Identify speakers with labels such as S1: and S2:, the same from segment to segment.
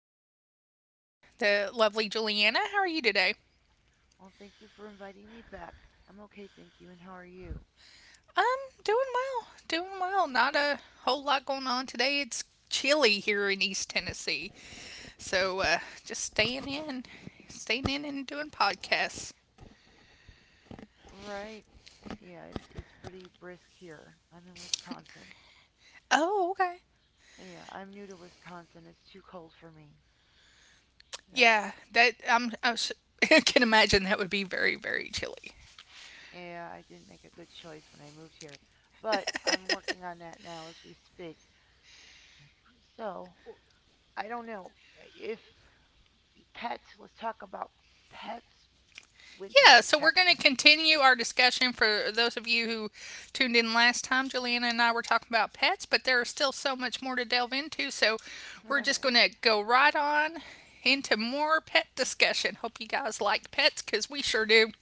S1: with me again the lovely Juliana. How are you today?
S2: Well, thank you for inviting me back. I'm okay, thank you. And how are you?
S1: I'm doing well, doing well. Not a whole lot going on today. It's chilly here in East Tennessee, so just staying in, staying in, and doing podcasts.
S2: Right. Yeah, it's pretty brisk here. I'm in Wisconsin.
S1: Oh, okay.
S2: Yeah, I'm new to Wisconsin. It's too cold for me. So,
S1: Yeah, that I'm. I was, can imagine that would be very, very chilly.
S2: yeah, I didn't make a good choice when I moved here. But I'm working on that now as we speak. So, I don't know if pets, let's talk about pets winter
S1: Yeah, so we're going
S2: protection.
S1: to continue our discussion for those of you who tuned in last time. Juliana and I were talking about pets, but there is still so much more to delve into. So we're just going to go right on into more pet discussion. Hope you guys like pets because we sure do.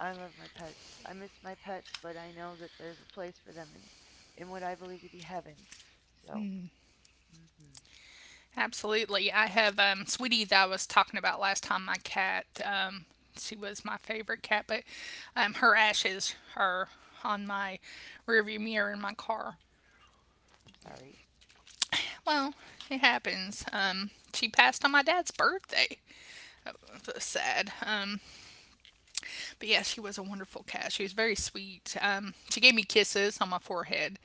S2: I love my pets. I miss my pets, but I know that there's a place for them in what I believe to be heaven. So, hmm.
S1: Absolutely. I have Sweetie that I was talking about last time, my cat. She was my favorite cat, but her ashes are on my rearview mirror in my car.
S2: I'm sorry.
S1: Well, it happens. She passed on my dad's birthday. It was sad. But yeah, she was a wonderful cat. She was very sweet. She gave me kisses on my forehead.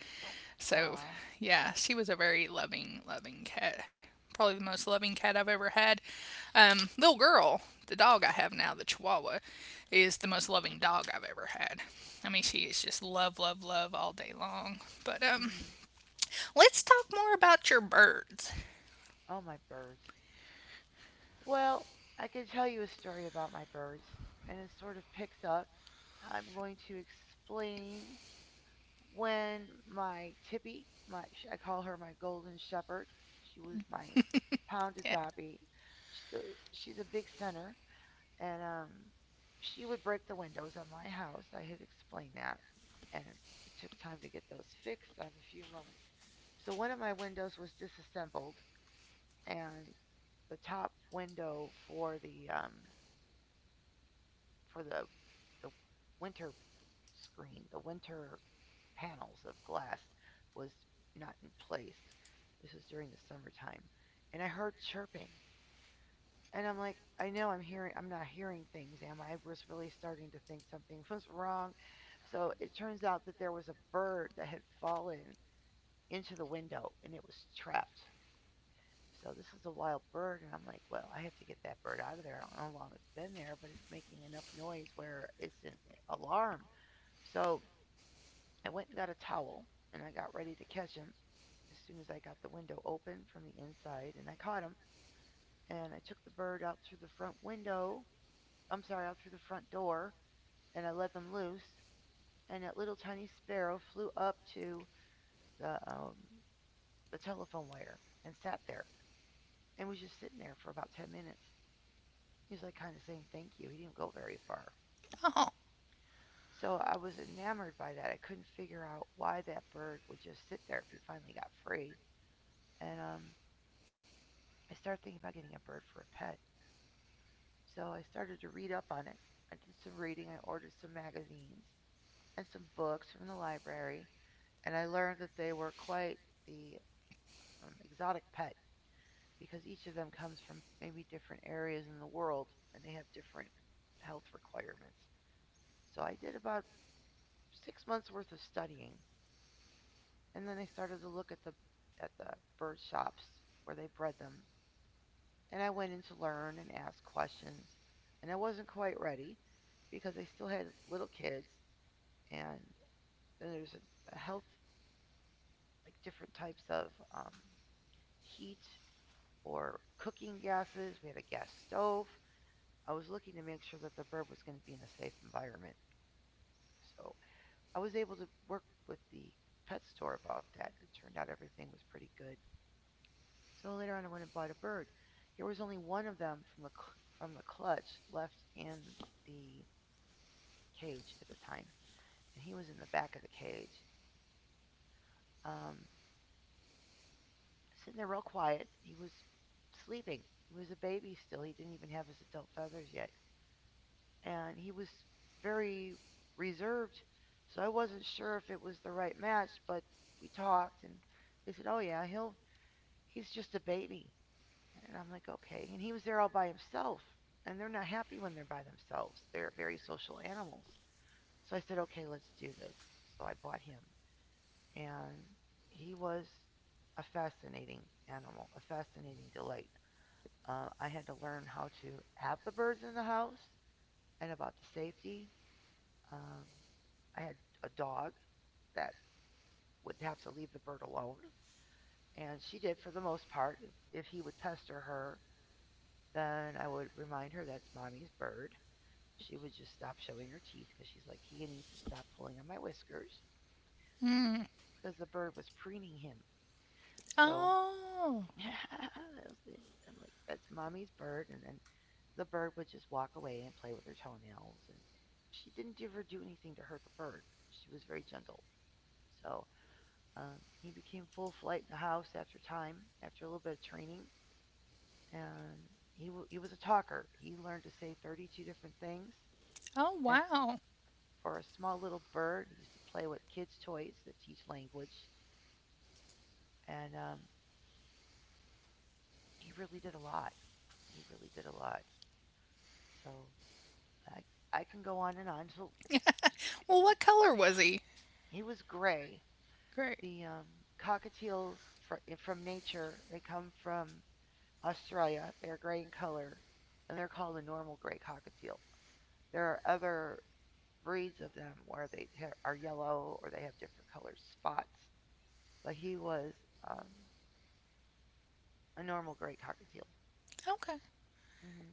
S1: So,
S2: Ah,
S1: yeah, she was a very loving, loving cat. Probably the most loving cat I've ever had. Little girl, the dog I have now, the Chihuahua, is the most loving dog I've ever had. I mean, she is just love, love, love all day long. But
S2: hmm.
S1: let's talk more about your birds.
S2: Oh, my birds. Well, I could tell you a story about my birds, and it sort of picks up. I'm going to explain when my Tippy, my I call her my golden shepherd. She was my pounded
S1: Yeah.
S2: Dobby. She's a big center, and she would break the windows on my house. I had explained that, and it took time to get those fixed on a few moments. So one of my windows was disassembled, and the top window for the for the winter screen, the winter panels of glass, was not in place. This was during the summertime, and I heard chirping. And I'm like, I know I'm hearing, I'm not hearing things, am I? I was really starting to think something was wrong. So it turns out that there was a bird that had fallen into the window and it was trapped. So this is a wild bird, and I'm like, well, I have to get that bird out of there. I don't know how long it's been there, but it's making enough noise where it's an alarm. So I went and got a towel and I got ready to catch him as soon as I got the window open from the inside, and I caught him. And I took the bird out through the front window. I'm sorry, out through the front door, and I let them loose. And that little tiny sparrow flew up to the um, the telephone wire and sat there and was just sitting there for about 10 minutes. He was like kind of saying thank you. He didn't go very far.
S1: Oh.
S2: So I was enamored by that. I couldn't figure out why that bird would just sit there if he finally got free. And I started thinking about getting a bird for a pet. So I started to read up on it. I did some reading. I ordered some magazines and some books from the library. And I learned that they were quite the exotic pet because each of them comes from maybe different areas in the world and they have different health requirements. So I did about 6 months worth of studying, and then I started to look at the bird shops where they bred them, and I went in to learn and ask questions, and I wasn't quite ready because I still had little kids, and then there's a health like different types of heat or cooking gases. We had a gas stove. I was looking to make sure that the bird was going to be in a safe environment. So I was able to work with the pet store about that. It turned out everything was pretty good. So later on, I went and bought a bird. There was only one of them from the clutch left in the cage at the time, and he was in the back of the cage, um, sitting there real quiet. He was sleeping. He was a baby still. He didn't even have his adult feathers yet. And he was very reserved. So I wasn't sure if it was the right match, but we talked and they said, "Oh yeah, he's just a baby." And I'm like, "Okay." And he was there all by himself, and they're not happy when they're by themselves. They're very social animals. So I said, "Okay, let's do this." So I bought him, and he was a fascinating animal, a fascinating delight. I had to learn how to have the birds in the house and about the safety. Um, I had a dog that would have to leave the bird alone, and she did for the most part. If he would pester her, then I would remind her that's mommy's bird. She would just stop showing her teeth because she's like, he needs to stop pulling on my whiskers
S1: Mm.
S2: because the bird was preening him. So
S1: Oh.
S2: I like- I'm like, that's mommy's bird. And then the bird would just walk away and play with her toenails. And she didn't ever do anything to hurt the bird. She was very gentle. So Um, he became full flight in the house after time, after a little bit of training, and he was a talker. He learned to say 32 different things,
S1: Oh,
S2: and
S1: wow.
S2: for a small little bird, he used to play with kids' toys that teach language, and he really did a lot. He really did a lot. So I I can go on and on. So
S1: Well, what color was he?
S2: he was gray.
S1: Great.
S2: The cockatiels from nature they come from Australia. They're gray in color, and they're called a normal gray cockatiel. There are other breeds of them where they are yellow or they have different colored spots. But he was um, a normal gray cockatiel.
S1: Okay.
S2: Hmm.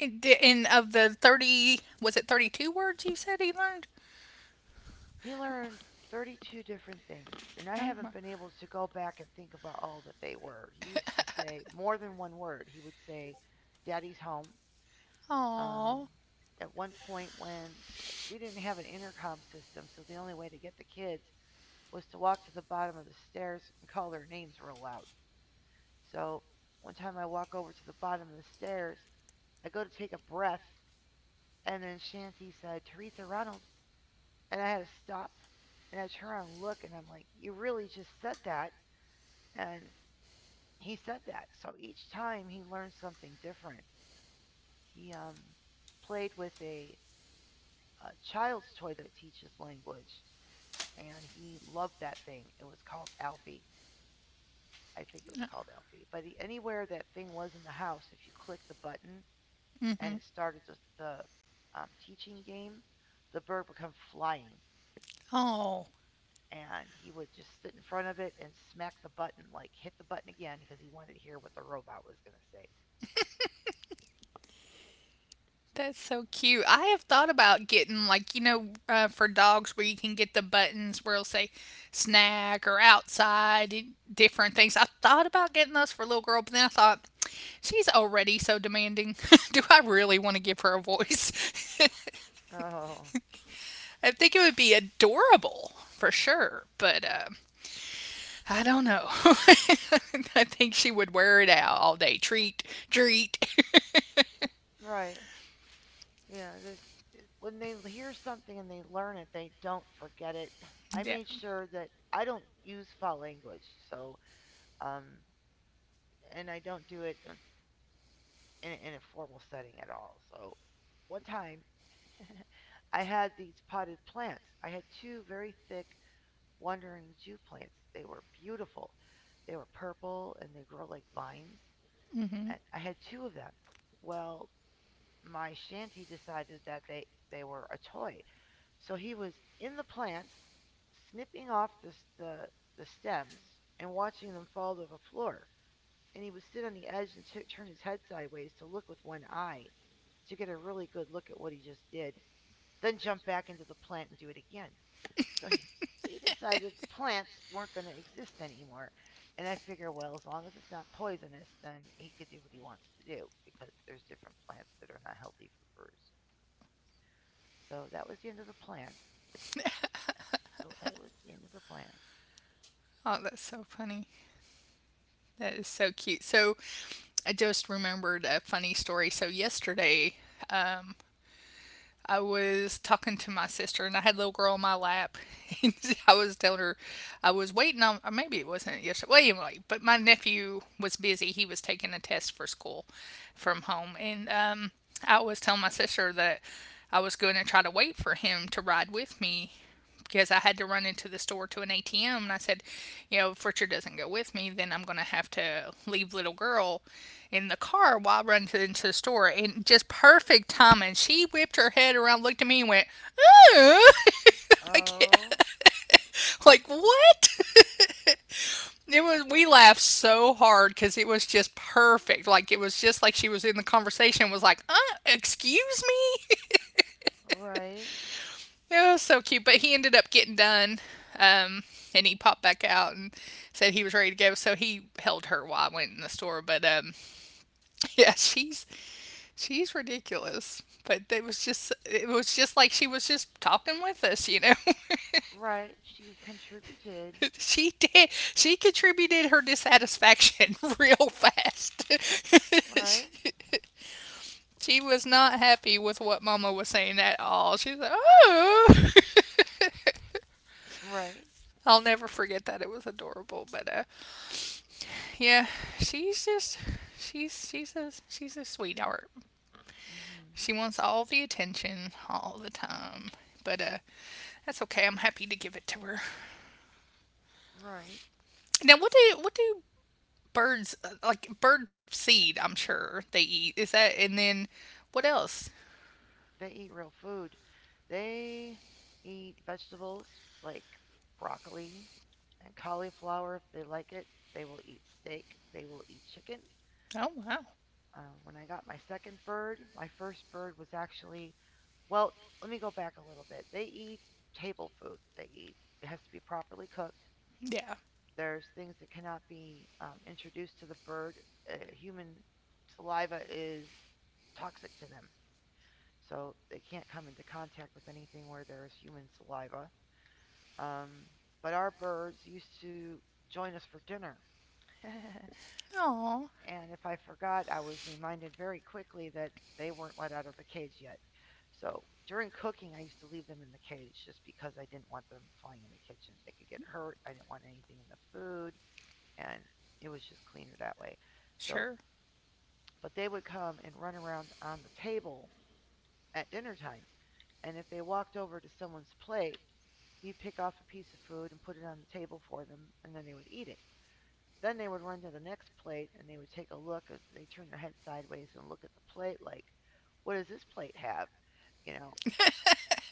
S1: And, and of the 30, was it 32 words you said he learned?
S2: He learned 32 different things, and I
S1: Oh
S2: haven't
S1: my.
S2: been able to go back and think about all that they were. He used to say more than one word. He would say, Daddy's home. Um,
S1: Oh.
S2: at one point, when we didn't have an intercom system, so the only way to get the kids was to walk to the bottom of the stairs and call their names real loud. So one time I walk over to the bottom of the stairs. I go to take a breath, and then Shanty said, Teresa Reynolds. And I had to stop and I turn around and look, and I'm like, you really just said that. And he said that. So each time he learned something different. He played with a child's toy that teaches language, and he loved that thing. It was called Alfie. I think it was called Alfie. But he, anywhere that thing was in the house, if you click the button, and
S1: Mm-hmm.
S2: it started just the teaching game, the bird would come flying
S1: Oh.
S2: and he would just sit in front of it and smack the button, like hit the button again because he wanted to hear what the robot was going to say.
S1: That's so cute. I have thought about getting, like, you know, for dogs where you can get the buttons where it'll say snack or outside, and different things. I thought about getting those for little girl, but then I thought she's already so demanding. Do I really want to give her a voice?
S2: Oh,
S1: I think it would be adorable for sure, but I don't know. I think she would wear it out all day. Treat, treat.
S2: right. Yeah, there's when they hear something and they learn it, they don't forget it. I made
S1: Yeah.
S2: sure that I don't use foul language, so um, and I don't do it in a formal setting at all. So one time I had these potted plants. I had two very thick wandering Jew plants. They were beautiful. They were purple and they grow like vines.
S1: Mhm.
S2: And I had two of them. Well, my shanty decided that they were a toy. So he was in the plants, snipping off the, the stems and watching them fall to the floor. And he would sit on the edge and turn his head sideways to look with one eye to get a really good look at what he just did, then jump back into the plant and do it again. So he decided the plants weren't going to exist anymore. And I figure, well, as long as it's not poisonous, then he could do what he wants to do because there's different plants that are not healthy for birds. So that was the end of the plants. Oh, It was the end of the plants.
S1: Oh, that's so funny. That is so cute. So I just remembered a funny story. So yesterday I was talking to my sister and I had a little girl on my lap and I was telling her I was waiting on, or maybe it wasn't yesterday. Well anyway, but my nephew was busy. He was taking a test for school from home, and I was telling my sister that I was going to try to wait for him to ride with me because I had to run into the store to an ATM. And I said, you know, if Richard doesn't go with me, then I'm going to have to leave little girl in the car while I run into the store. And just perfect timing. She whipped her head around, looked at me, and went, oh, like,
S2: Oh,
S1: like what? It was we laughed so hard because it was just perfect. Like it was just like she was in the conversation. Was like, excuse me.
S2: right,
S1: It was so cute, but he ended up getting done. Um, and he popped back out and said he was ready to go. So he held her while I went in the store. But yeah, she's ridiculous. But it was just like she was just talking with us, you know.
S2: right. She contributed.
S1: She contributed her dissatisfaction real fast.
S2: Right,
S1: she, she was not happy with what Mama was saying at all. She's like, oh.
S2: right.
S1: I'll never forget that. It was adorable, but yeah, she's just she's a sweetheart.
S2: Hmm.
S1: She wants all the attention all the time. But that's okay. I'm happy to give it to her.
S2: Right.
S1: Now, what do birds like bird seed, I'm sure they eat. Is that, and then what else?
S2: They eat real food. They eat vegetables like broccoli and cauliflower if they like it. They will eat steak. They will eat chicken.
S1: Oh, wow.
S2: When I got my second bird, my first bird was actually, well, let me go back a little bit. They eat table food. It has to be properly cooked.
S1: Yeah.
S2: There's things that cannot be introduced to the bird. Human saliva is toxic to them so they can't come into contact with anything where there's human saliva. Um, but our birds used to join us for dinner. And
S1: Oh,
S2: if I forgot, I was reminded very quickly that they weren't let out of the cage yet. So during cooking, I used to leave them in the cage just because I didn't want them flying in the kitchen. They could get hurt. I didn't want anything in the food, and it was just cleaner that way. So,
S1: sure.
S2: but they would come and run around on the table at dinner time. And if they walked over to someone's plate, you'd pick off a piece of food and put it on the table for them, and then they would eat it. Then they would run to the next plate and they would take a look. And they turn their head sideways and look at the plate, like, "What does this plate have?" You know,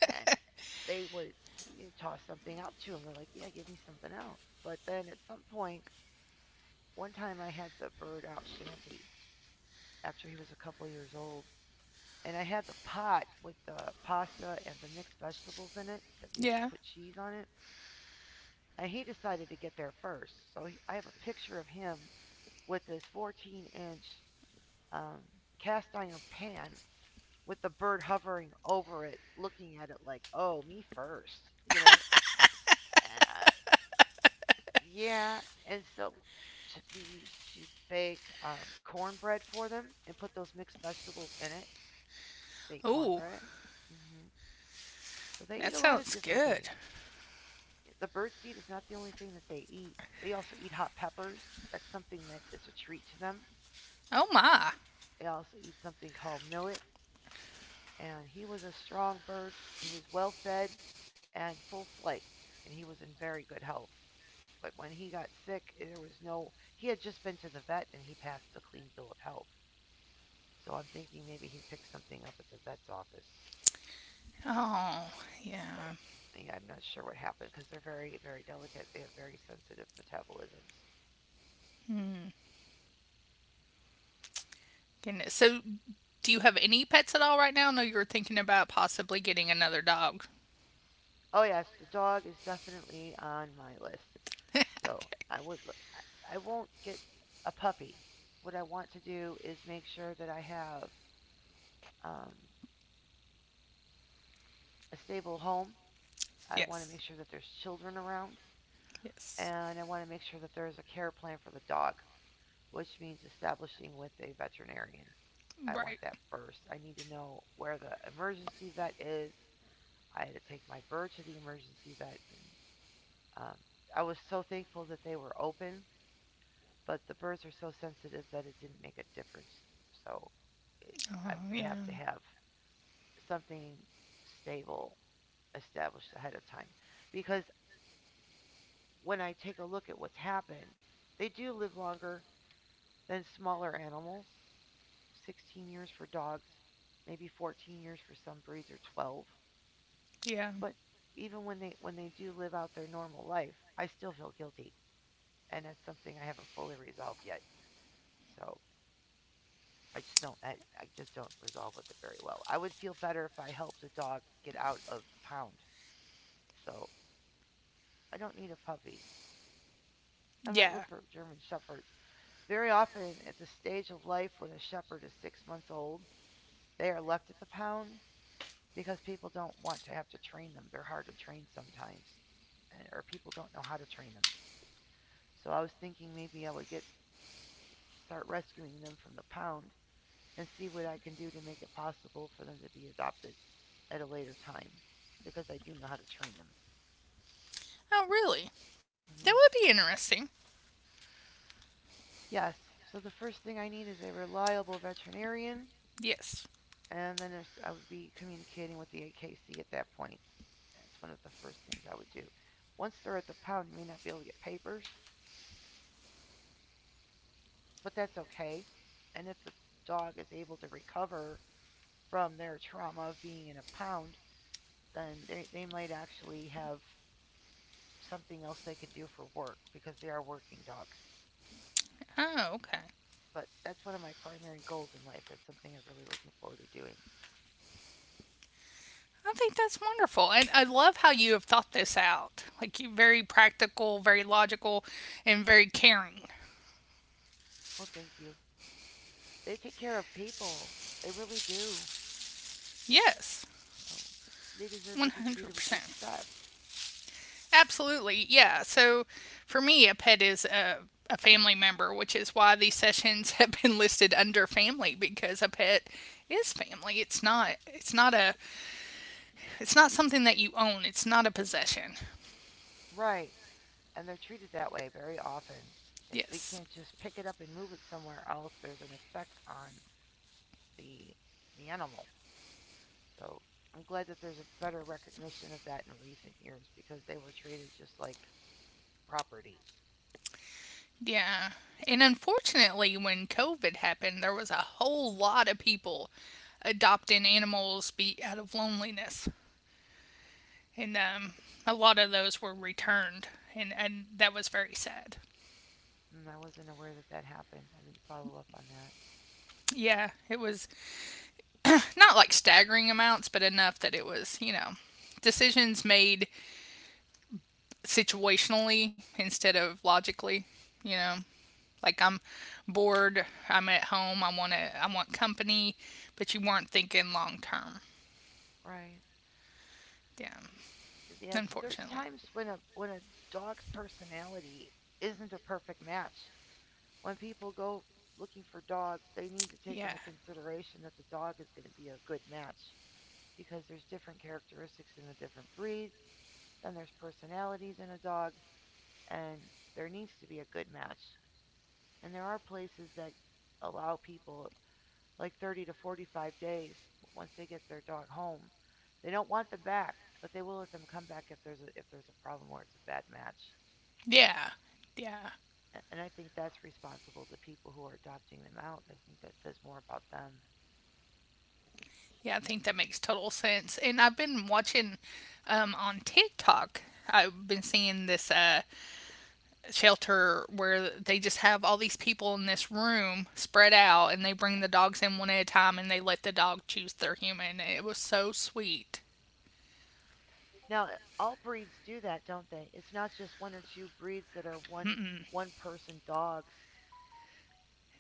S2: and they would you toss something out to them. They're like, "Yeah, give me something else." But then at some point, one time I had the bird out Shanty after he was a couple years old, and I had the pot with the pasta and the mixed vegetables in it that we used to
S1: Yeah.
S2: put cheese on it. And he decided to get there first. So he, I have a picture of him with this 14-inch inch um, cast iron pan with the bird hovering over it, looking at it like, oh, me first, you know? And yeah, and so we used to bake cornbread for them and put those mixed vegetables in it. They eat
S1: Oh,
S2: cornbread. Hmm. So they
S1: that
S2: eat a lot
S1: sounds
S2: of different
S1: good.
S2: things. The birdseed is not the only thing that they eat. They also eat hot peppers. That's something that is a treat to them.
S1: Oh my.
S2: They also eat something called millet, and he was a strong bird. He was well fed and full flight, and he was in very good health. But when he got sick, there was no. He had just been to the vet, and he passed a clean bill of health. So I'm thinking maybe he picked something up at the vet's office.
S1: Oh, yeah.
S2: So yeah, I'm not sure what happened because they're very, very delicate. They have very sensitive metabolisms.
S1: Goodness. So, do you have any pets at all right now? No, you were thinking about possibly getting another dog.
S2: Oh yes, the dog is definitely on my list.
S1: Okay.
S2: So I would I won't get a puppy. What I want to do is make sure that I have um, a stable home. I want to make
S1: Yes.
S2: sure that there's children around,
S1: Yes.
S2: and I want to make sure that there is a care plan for the dog, which means establishing with a veterinarian. I want
S1: Right.
S2: that first. I need to know where the emergency vet is. I had to take my bird to the emergency vet, and um, I was so thankful that they were open, but the birds are so sensitive that it didn't make a difference. So it, I
S1: Oh,
S2: would have to
S1: yeah.
S2: have something stable established ahead of time, because when I take a look at what's happened, they do live longer than smaller animals. 16 years for dogs, maybe 14 years for some breeds or 12.
S1: Yeah.
S2: But even when they do live out their normal life, I still feel guilty, and that's something I haven't fully resolved yet. So I just don't. I just don't resolve with it very well. I would feel better if I helped a dog get out of the pound. So I don't need a puppy. I might look
S1: Yeah.
S2: for German shepherds. Very often, at the stage of life when a shepherd is 6 months old, they are left at the pound because people don't want to have to train them. They're hard to train sometimes, and, or people don't know how to train them. So I was thinking maybe I would get start rescuing them from the pound and see what I can do to make it possible for them to be adopted at a later time because I do know how to train them.
S1: Oh, really? That
S2: Hmm.
S1: would be interesting.
S2: Yes, so the first thing I need is a reliable veterinarian,
S1: Yes.
S2: and then I would be communicating with the AKC at that point. That's one of the first things I would do. Once they're at the pound, you may not be able to get papers, but that's okay. And if the dog is able to recover from their trauma of being in a pound, then they might actually have something else they can do for work because they are working dogs.
S1: Oh, okay.
S2: But that's one of my primary goals in life. It's something I'm really looking forward to doing.
S1: I think that's wonderful. And I love how you have thought this out. Like, you're very practical, very logical, and very caring.
S2: Well, thank you. They take care of people. They really do.
S1: Yes.
S2: So they deserve to be treated with respect.
S1: 100%. Absolutely, yeah. So for me, a pet is a family member, which is why these sessions have been listed under family because a pet is family. It's not something that you own. It's not a possession.
S2: Right. And they're treated that way very often. They
S1: Yes.
S2: can't just pick it up and move it somewhere else. There's an effect on the the animal. So I'm glad that there's a better recognition of that in recent years because they were treated just like property.
S1: Yeah. And unfortunately, when COVID happened, there was a whole lot of people adopting animals be out of loneliness. And a lot of those were returned. And that was very sad.
S2: Mm, I wasn't aware that that happened. I didn't follow up on that.
S1: Yeah, it was not like staggering amounts, but enough that it was, you know, decisions made situationally instead of logically, you know. Like I'm bored, I'm at home, I want company, but you weren't thinking long term.
S2: Right.
S1: Yeah,
S2: Yes, there's
S1: unfortunately.
S2: times when a dog's personality isn't a perfect match. When people go looking for dogs, they need to take
S1: Yeah.
S2: into consideration that the dog is going to be a good match because there's different characteristics in the different breeds, then there's personalities in a dog, and there needs to be a good match. And there are places that allow people like 30 to 45 days once they get their dog home. They don't want them back, but they will let them come back if there's a problem or it's a bad match.
S1: Yeah. Yeah.
S2: And I think that's responsible to people who are adopting them out. I think that says more about them.
S1: Yeah, I think that makes total sense. And I've been watching on TikTok. I've been seeing this shelter where they just have all these people in this room spread out and they bring the dogs in one at a time and they let the dog choose their human. It was so sweet.
S2: Now, all breeds do that, don't they? It's not just one or two breeds that are one person dogs.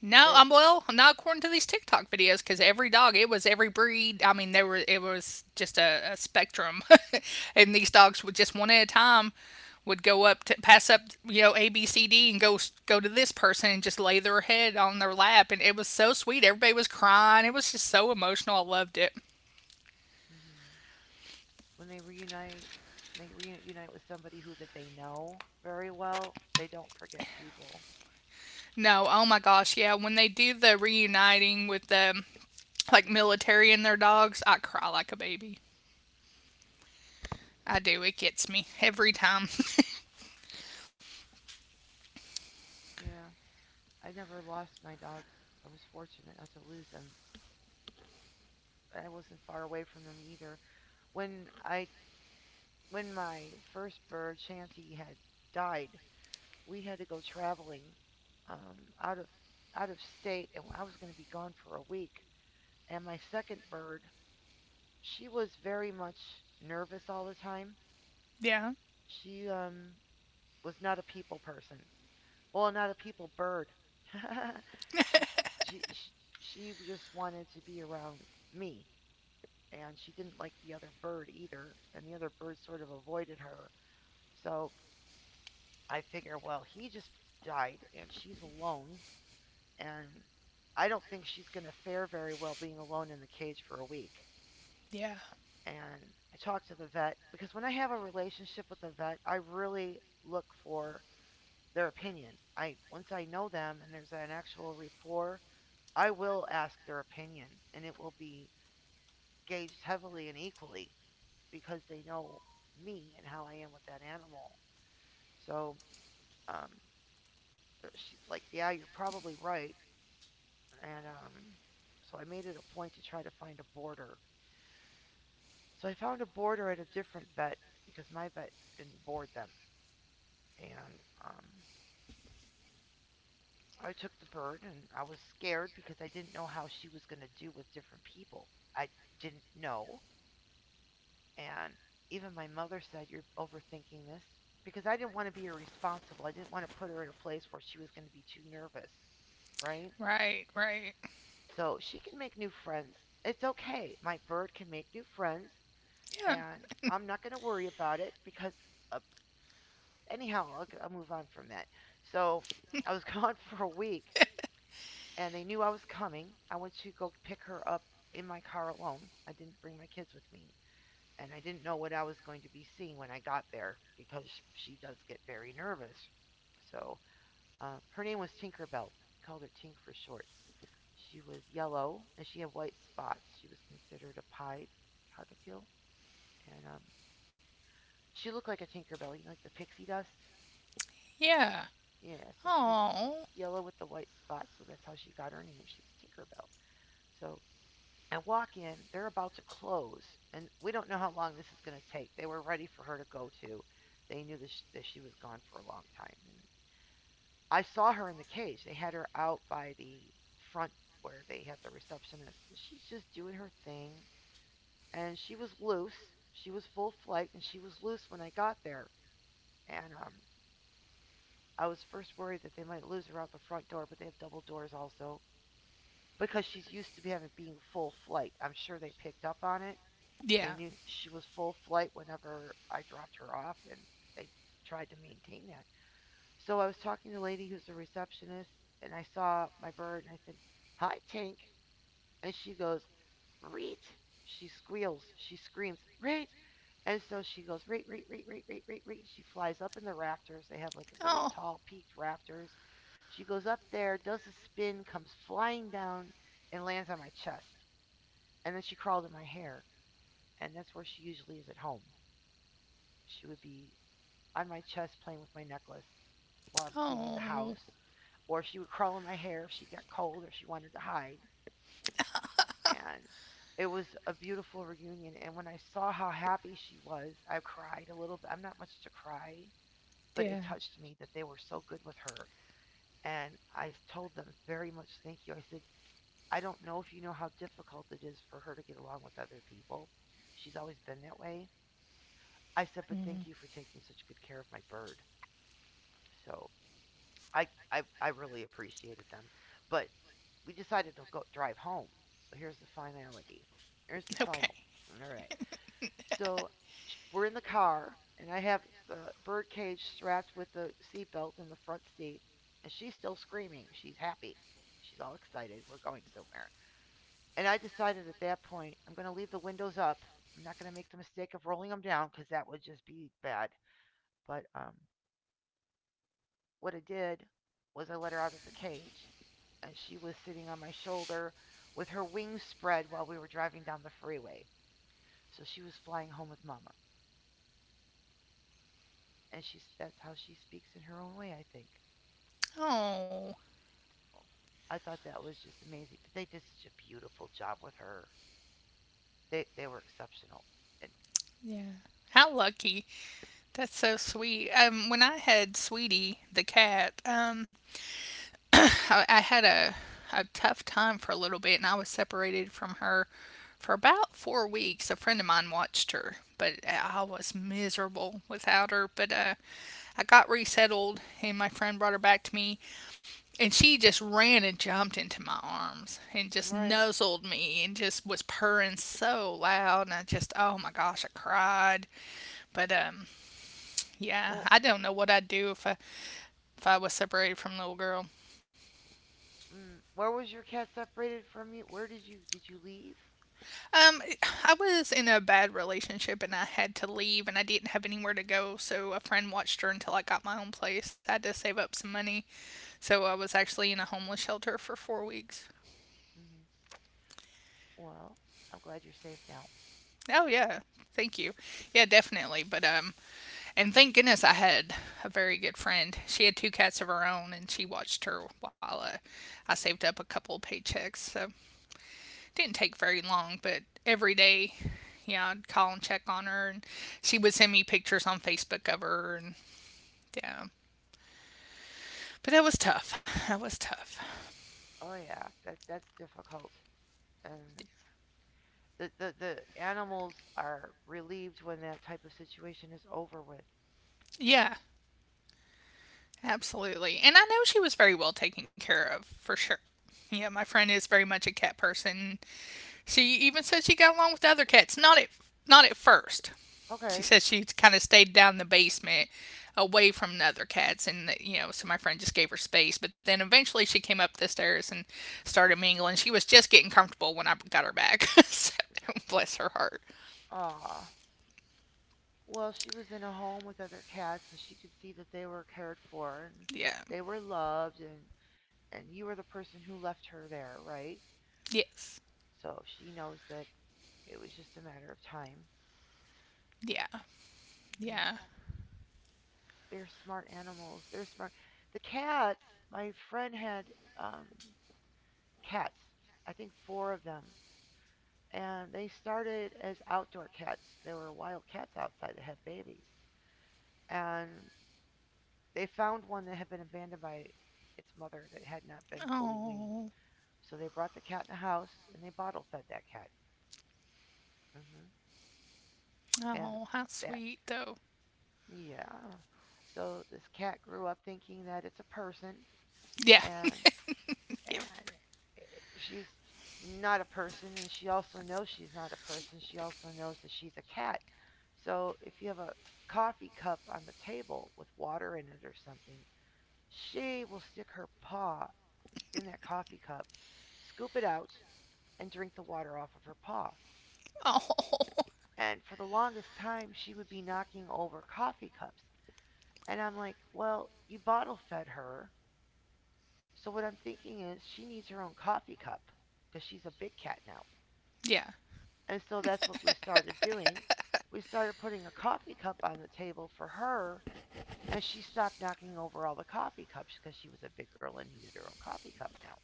S1: No,
S2: That
S1: I'm well, not according to these TikTok videos because every dog, it was every breed. I mean, there were it was just a spectrum, and these dogs would just one at a time would go up to pass up, you know, ABCD and go to this person and just lay their head on their lap, and it was so sweet. Everybody was crying. It was just so emotional. I loved it.
S2: mm, when they reunite with somebody who that they know very well. They don't forget people.
S1: No, oh my gosh, yeah. When they do the reuniting with the like military and their dogs, I cry like a baby. I do. It gets me every time.
S2: Yeah. I never lost my dogs. I was fortunate not to lose them, but I wasn't far away from them either. When I when my first bird, Shanty, had died, we had to go traveling out of state, and I was going to be gone for a week. And my second bird, she was very much nervous all the time.
S1: Yeah.
S2: She was not a people person. Well, not a people bird. she, she she she just wanted to be around me, and she didn't like the other bird either, and the other bird sort of avoided her. So I figure, well, he just died, and she's alone, and I don't think she's going to fare very well being alone in the cage for a week.
S1: Yeah.
S2: And I talked to the vet because when I have a relationship with the vet, I really look for their opinion. I once I know them and there's an actual rapport, I will ask their opinion, and it will be gauged heavily and equally, because they know me and how I am with that animal. So um, she's like, yeah, you're probably right. And so I made it a point to try to find a boarder. So I found a boarder at a different vet because my vet didn't board them. And um, I took the bird and I was scared because I didn't know how she was going to do with different people. I didn't know. And even my mother said, "You're overthinking this," because I didn't want to be irresponsible. I didn't want to put her in a place where she was going to be too nervous, right?
S1: Right. Right.
S2: So she can make new friends. It's okay. My bird can make new friends,
S1: Yeah.
S2: and I'm not going to worry about it because, uh, anyhow, I'll move on from that. So I was gone for a week, and they knew I was coming. I went to go pick her up in my car alone. I didn't bring my kids with me, and I didn't know what I was going to be seeing when I got there because she does get very nervous. So her name was Tinkerbell. Called her Tink for short. She was yellow and she had white spots. She was considered a pied cockatiel, and she looked like a Tinkerbell, like the pixie dust.
S1: Yeah.
S2: Yeah, so she was
S1: Oh.
S2: yellow with the white spots, so that's how she got her name. She was Tinkerbell. So I walk in, they're about to close, and we don't know how long this is going to take. They were ready for her to go to. They knew that that she was gone for a long time. And I saw her in the cage. They had her out by the front where they have the receptionist. She's just doing her thing, and she was loose. She was full flight, and she was loose when I got there. And I was first worried that they might lose her out the front door, but they have double doors also because she's used to be having being full flight. I'm sure they picked up on it.
S1: Yeah.
S2: They knew she was full flight whenever I dropped her off, and they tried to maintain that. So I was talking to the lady who's a receptionist, and I saw my bird, and I said, "Hi, Tank." And she goes, "Reet." She squeals. She screams, "Reet." And so she goes, "Reet, Reet, Reet, Reet, Reet, Reet, Reet." She flies up in the rafters. They have like a really
S1: Oh.
S2: tall peaked rafters. She goes up there, does a spin, comes flying down, and lands on my chest. And then she crawled in my hair. And that's where she usually is at home. She would be on my chest playing with my necklace while I'm cleaning the
S1: Oh.
S2: house, or she would crawl in my hair if she got cold or she wanted to hide. And it was a beautiful reunion. And when I saw how happy she was, I cried a little bit. I'm not much to cry, but
S1: Yeah.
S2: it touched me that they were so good with her. And I told them very much thank you. I said, "I don't know if you know how difficult it is for her to get along with other people. She's always been that way." I said, "But thank you for taking such good care of my bird." So I really appreciated them. But we decided to go drive home. So here's the finality. Here's the
S1: Okay.
S2: final. All right. So we're in the car, and I have the bird cage strapped with the seatbelt in the front seat, and she's still screaming. She's happy. She's all excited. We're going somewhere. And I decided at that point, I'm going to leave the windows up. I'm not going to make the mistake of rolling them down because that would just be bad. But what I did was I let her out of the cage, and she was sitting on my shoulder with her wings spread while we were driving down the freeway. So she was flying home with Mama, and she's that's how she speaks in her own way, I think.
S1: Oh.
S2: I thought that was just amazing. But they did such a beautiful job with her. They were exceptional. And
S1: Yeah. How lucky. That's so sweet. When I had Sweetie the cat, I had a tough time for a little bit, and I was separated from her for about 4 weeks. A friend of mine watched her, but I was miserable without her. But I got resettled, and my friend brought her back to me, and she just ran and jumped into my arms and just
S2: right,
S1: nuzzled me and just was purring so loud. And I just, oh my gosh, I cried. But yeah,
S2: well,
S1: I don't know what I'd do if I was separated from the little girl.
S2: where was your cat separated from you? Where did you leave?
S1: Um, I was in a bad relationship and I had to leave and I didn't have anywhere to go, so a friend watched her until I got my own place. I had to save up some money, so I was actually in a homeless shelter for 4 weeks.
S2: Hmm. Well, I'm glad you're safe now.
S1: Oh, yeah. Thank you. Yeah, definitely. But, and thank goodness I had a very good friend. She had two cats of her own and she watched her while I saved up a couple of paychecks, so didn't take very long, but every day, yeah, I'd call and check on her, and she would send me pictures on Facebook of her, and yeah. But that was tough. That was tough.
S2: Oh yeah, that's difficult. And the animals are relieved when that type of situation is over with.
S1: Yeah, absolutely. And I know she was very well taken care of, for sure. Yeah, my friend is very much a cat person. She even said she got along with the other cats. Not at first. She
S2: Okay.
S1: said she kind of stayed down in the basement away from the other cats, and you know, so my friend just gave her space, but then eventually she came up the stairs and started mingling. She was just getting comfortable when I got her back. So, bless her heart.
S2: Ah. Well, she was in a home with other cats and she could see that they were cared for and
S1: Yeah.
S2: they were loved, and you were the person who left her there, right?
S1: Yes.
S2: So she knows that it was just a matter of time.
S1: Yeah.
S2: Yeah.
S1: Yeah.
S2: uh, They're smart animals. They're smart. The cats, my friend had um cats. I think four of them, and they started as outdoor cats. There were wild cats outside that had babies, and they found one that had been abandoned by its mother that had not been fully weaned.
S1: Oh,
S2: So they brought the cat in the house and they bottle fed that cat. hmm And
S1: oh, how
S2: that,
S1: sweet though.
S2: yeah. So this cat grew up thinking that it's a person,
S1: Yeah.
S2: and
S1: Yep.
S2: and she's not a person, and she also knows she's not a person. She also knows that she's a cat. So if you have a coffee cup on the table with water in it or something, she will stick her paw in that coffee cup, scoop it out, and drink the water off of her paw.
S1: Oh,
S2: And for the longest time, she would be knocking over coffee cups. And I'm like, well, you bottle fed her. So what I'm thinking is she needs her own coffee cup because she's a big cat now.
S1: yeah.
S2: And so that's what we started doing. We started putting a coffee cup on the table for her, and she stopped knocking over all the coffee cups because she was a big girl and needed her own coffee cup now.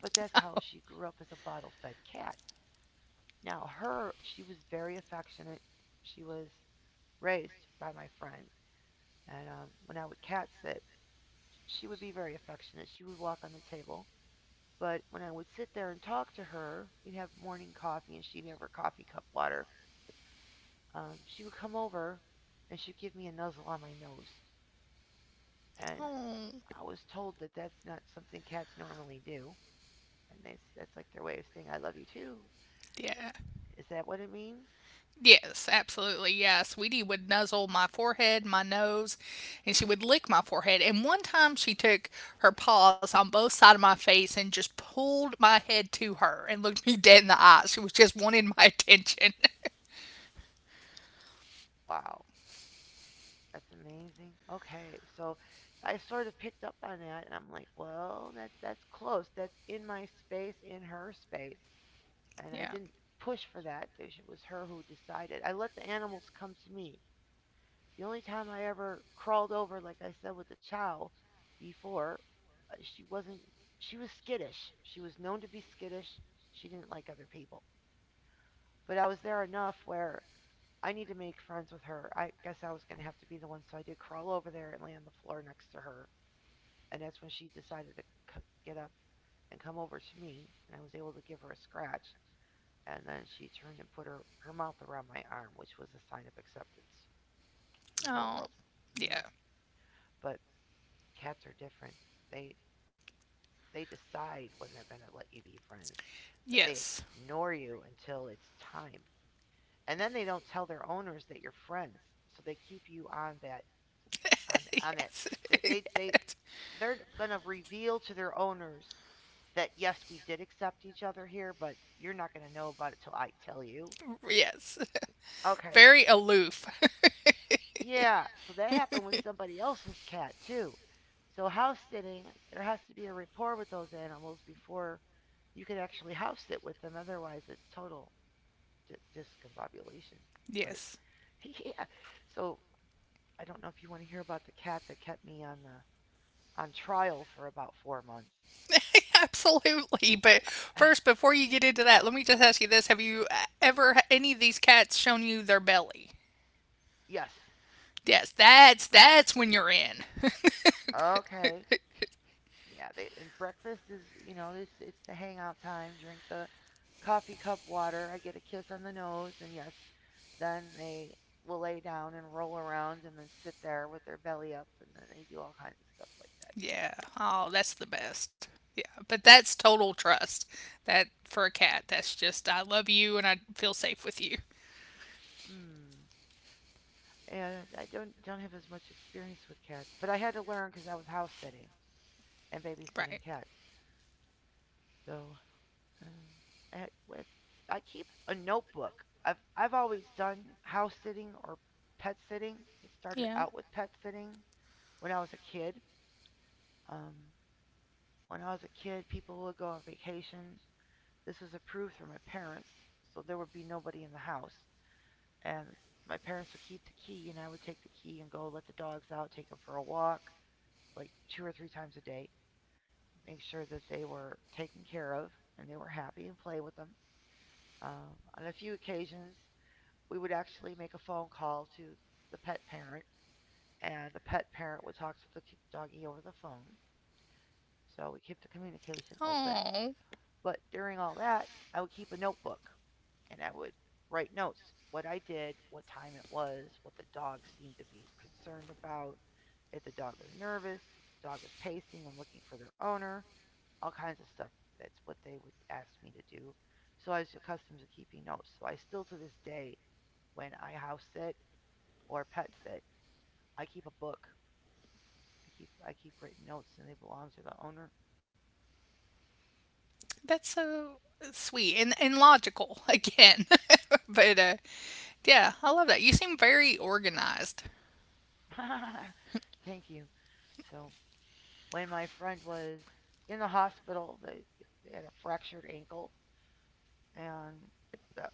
S2: But that's how she grew up as a bottle fed cat. Now, her, she was very affectionate. She was raised by my friend. And when I would cat sit, she would be very affectionate. She would walk on the table. But when I would sit there and talk to her, we'd have morning coffee and she'd have her coffee cup water. She would come over and she'd give me a nuzzle on my nose. And
S1: Oh,
S2: I was told that that's not something cats normally do. And that's like their way of saying, "I love you too."
S1: yeah.
S2: Is that what it means?
S1: Yes, absolutely. Yeah, Sweetie would nuzzle my forehead, my nose, and she would lick my forehead. And one time she took her paws on both sides of my face and just pulled my head to her and looked me dead in the eye. She was just wanting my attention.
S2: Wow, that's amazing. Okay, so I sort of picked up on that and I'm like, well, that, that's close. That's in my space, in her space. And I
S1: Yeah.
S2: didn't push for that. It was her who decided. I let the animals come to me. The only time I ever crawled over, like I said with the chow before, she wasn't she was skittish. She was known to be skittish. She didn't like other people. But I was there enough where I need to make friends with her. I guess I was going to have to be the one, so I did crawl over there and lay on the floor next to her. And that's when she decided to get up and come over to me, and I was able to give her a scratch. And then she turned and put her mouth around my arm, which was a sign of acceptance in her
S1: Oh,
S2: world. hmm
S1: yeah.
S2: But cats are different. They they decide when they're going to let you be friends. They
S1: Yes.
S2: ignore you until it's time. And then they don't tell their owners that you're friends. So they keep you on that, on that,
S1: Yes.
S2: they they
S1: Yes.
S2: they're going to reveal to their owners that yes, we did accept each other here, but you're not going to know about it till I tell you.
S1: Yes.
S2: Okay.
S1: Very aloof.
S2: Yeah, so that happened with somebody else's cat too. So house sitting, there has to be a rapport with those animals before you can actually house sit with them. Otherwise, it's total discombobulation. But
S1: Yes.
S2: yeah. So I don't know if you want to hear about the cat that kept me on the on trial for about 4 months.
S1: Absolutely. But first, before you get into that, let me just ask you this. Have you ever, any of these cats shown you their belly?
S2: Yes.
S1: Yes, that's when you're in.
S2: Okay. Yeah. They, and breakfast is, this, it's the hangout time. Drink the coffee cup water. I get a kiss on the nose, and yes, then they will lay down and roll around and then sit there with their belly up, and then they do all kinds of stuff like that too.
S1: Yeah. Oh, that's the best. Yeah. But that's total trust. That, for a cat, that's just, I love you and I feel safe with you.
S2: Hmm. And I don't have as much experience with cats, but I had to learn because I was house sitting and
S1: Right.
S2: babysitting cats. So, uh, I, with, I keep a notebook. I've always done house sitting or pet sitting. It started
S1: Yeah.
S2: out with pet sitting when I was a kid. Um, when I was a kid, people would go on vacation. This was approved for my parents, so there would be nobody in the house. And my parents would keep the key, and I would take the key and go let the dogs out, take them for a walk, like two or three times a day, make sure that they were taken care of and they were happy and play with them. On a few occasions, we would actually make a phone call to the pet parent, and the pet parent would talk to the doggy over the phone. So we kept the communication open.
S1: Oh.
S2: But during all that, I would keep a notebook and I would write notes what I did, what time it was, what the dog seemed to be concerned about, if the dog was nervous, if the dog was pacing and looking for their owner, all kinds of stuff. That's what they would ask me to do. So I was accustomed to keeping notes. So I still to this day when I house sit or pet sit. I keep a book. I keep written notes and they belong to the owner.
S1: That's so sweet and logical again. But yeah, I love that. You seem very organized.
S2: Thank you. So when my friend was in the hospital, they had a fractured ankle, and that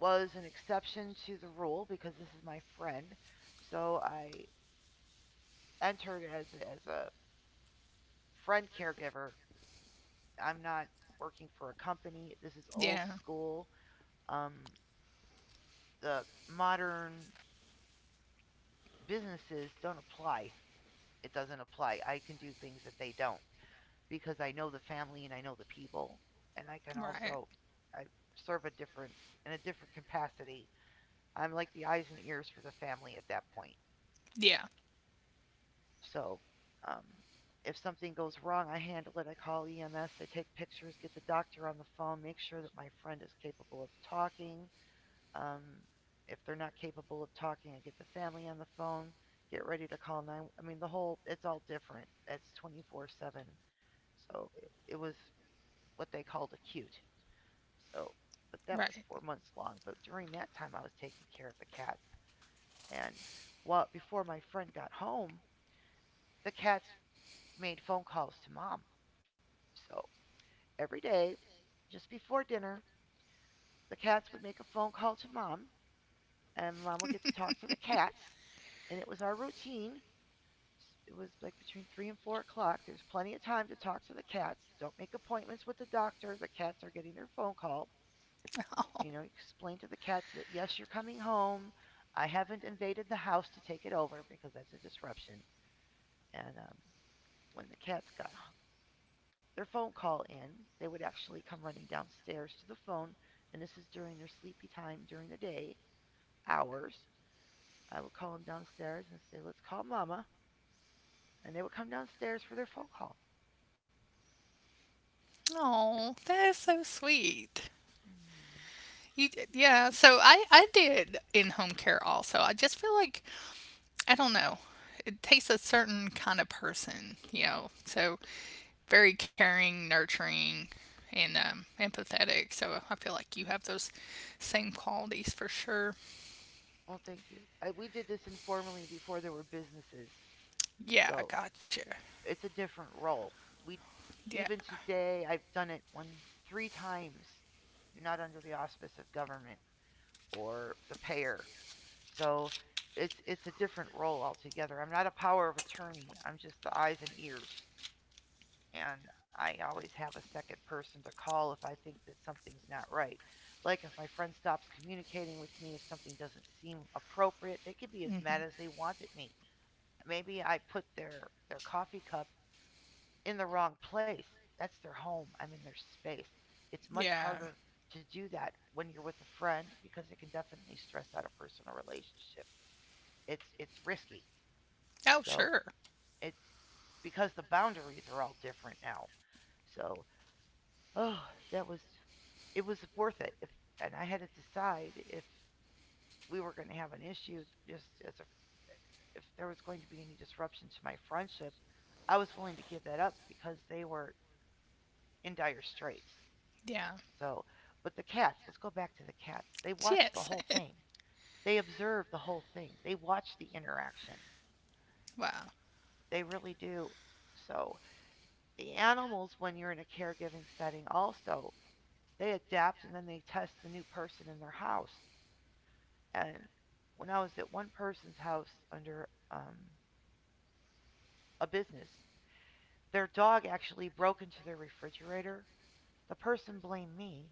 S2: was an exception to the rule because this is my friend. So I entered as a friend caregiver. I'm not working for a company. This is old
S1: Yeah,
S2: school. Um, the modern businesses don't apply. It doesn't apply. I can do things that they don't because I know the family and I know the people, and I can
S1: right.
S2: also I serve a different in a different capacity. I'm like the eyes and ears for the family at that point.
S1: Yeah,
S2: So, um, if something goes wrong, I handle it. I call EMS. I take pictures, get the doctor on the phone, make sure that my friend is capable of talking. Um, if they're not capable of talking, I get the family on the phone, get ready to call nine. I mean, the whole it's all different. It's 24/7. So it was what they called acute. So, but that was
S1: right.
S2: 4 months long. But during that time, I was taking care of the cats. And while before my friend got home, the cats made phone calls to mom. So every day, just before dinner, the cats would make a phone call to mom, and mom would get to talk to the cats. And it was our routine. It was like between 3 and 4 o'clock. There's plenty of time to talk to the cats. Don't make appointments with the doctor. The cats are getting their phone call.
S1: Oh,
S2: Explain to the cats that yes, you're coming home. I haven't invaded the house to take it over because that's a disruption. And when the cats got their phone call in, they would actually come running downstairs to the phone. And this is during their sleepy time during the day, hours. I would call them downstairs and say, let's call mama. And they would come downstairs for their phone call.
S1: oh that's so sweet.
S2: Mm.
S1: You, yeah, so I did in home care also. I just feel like, I don't know, it takes a certain kind of person, you know. So very caring, nurturing, and empathetic. So I feel like you have those same qualities for sure.
S2: Well, thank you. We did this informally before there were businesses,
S1: Yeah,
S2: so
S1: gotcha.
S2: it's a different role. We
S1: Yeah.
S2: even today I've done it one three times, not under the auspice of government or the payer. So it's a different role altogether. I'm not a power of attorney. I'm just the eyes and ears, and I always have a second person to call if I think that something's not right. Like if my friend stops communicating with me, if something doesn't seem appropriate, they can be as mad
S1: Hmm.
S2: as they want at me. Maybe I put their coffee cup in the wrong place. That's their home. I'm in their space. It's much
S1: Yeah.
S2: harder to do that when you're with a friend because it can definitely stress out a personal relationship. It's risky.
S1: Oh,
S2: So
S1: sure.
S2: it's because the boundaries are all different now. So oh, that was it was worth it. If and I had to decide if we were going to have an issue, just as a, if there was going to be any disruption to my friendship, I was willing to give that up because they were in dire straits.
S1: Yeah.
S2: So, but the cats. Let's go back to the cats. They watched the
S1: Yes.
S2: whole thing. They observed the whole thing. They watched the interaction.
S1: Wow.
S2: They really do. So the animals, when you're in a caregiving setting, also they adapt and then they test the new person in their house. And when I was at one person's house under a business, their dog actually broke into their refrigerator. The person blamed me,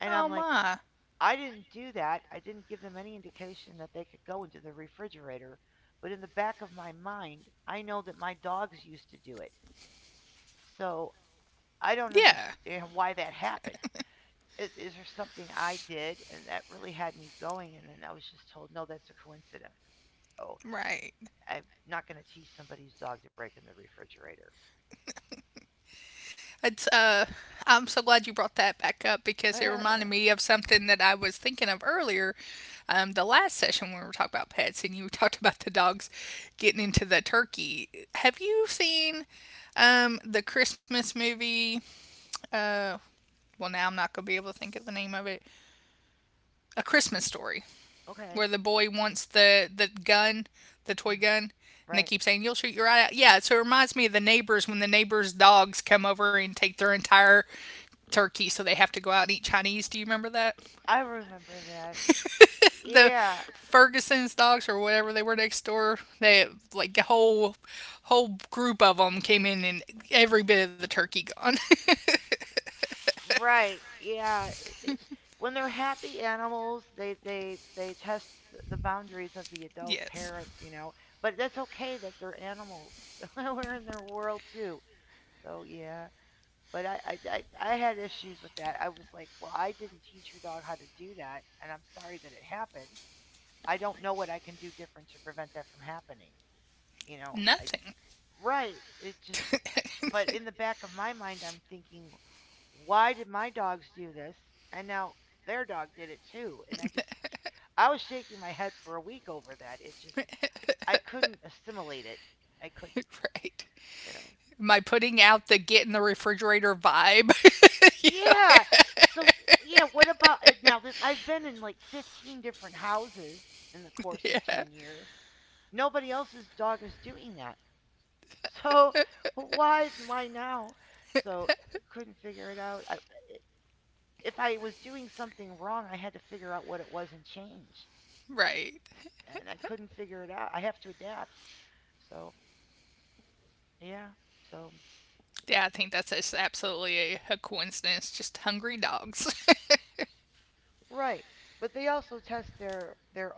S2: and
S1: Oh
S2: I'm like,
S1: my.
S2: I didn't do that. I didn't give them any indication that they could go into the refrigerator. But in the back of my mind, I know that my dogs used to do it. So I don't
S1: Yeah.
S2: understand why that happened. Is there something I did? And that really had me going. And then I was just told, no, that's a coincidence. So
S1: Right.
S2: I'm not going to teach somebody's dog to break in the refrigerator.
S1: It's I'm so glad you brought that back up because it reminded me of something that I was thinking of earlier. Um, the last session when we were talking about pets and you talked about the dogs getting into the turkey. Have you seen um, the Christmas movie? Uh well, now I'm not going to be able to think of the name of it. A Christmas Story, where
S2: Okay.
S1: the boy wants the gun, the toy
S2: Mm.
S1: gun, and they
S2: Right.
S1: keep saying you'll shoot your eye out. Yeah, so it reminds me of the neighbors when the neighbors' dogs come over and take their entire turkey, so they have to go out and eat Chinese. Do you remember that?
S2: I remember that.
S1: The
S2: Yeah.
S1: Ferguson's dogs or whatever they were next door, they like a whole group of them came in and every bit of the turkey gone.
S2: Right. Yeah. When they're happy animals, they test the boundaries of the adult
S1: Yes,
S2: parents. But that's okay that they're animals. We're in their world too. So yeah. But I had issues with that. I was like, well, I didn't teach your dog how to do that, and I'm sorry that it happened. I don't know what I can do different to prevent that from happening. You know, I
S1: nothing.
S2: right. It just but in the back of my mind I'm thinking, why did my dogs do this? And now their dog did it too. And I was shaking my head for a week over that. It just I couldn't assimilate it. I couldn't,
S1: Right.
S2: you know.
S1: Am I putting out the get in the refrigerator vibe? Yeah.
S2: Yeah. So yeah, what about now that I've been in like 15 different houses in the course of
S1: Yeah,
S2: 10 years. Nobody else's dog is doing that. So why now? So I couldn't figure it out. If I was doing something wrong, I had to figure out what it was and change.
S1: right.
S2: And I couldn't figure it out. I have to adapt. So yeah. So
S1: Yeah, I think that's just absolutely a coincidence. Just hungry dogs.
S2: right. But they also test their their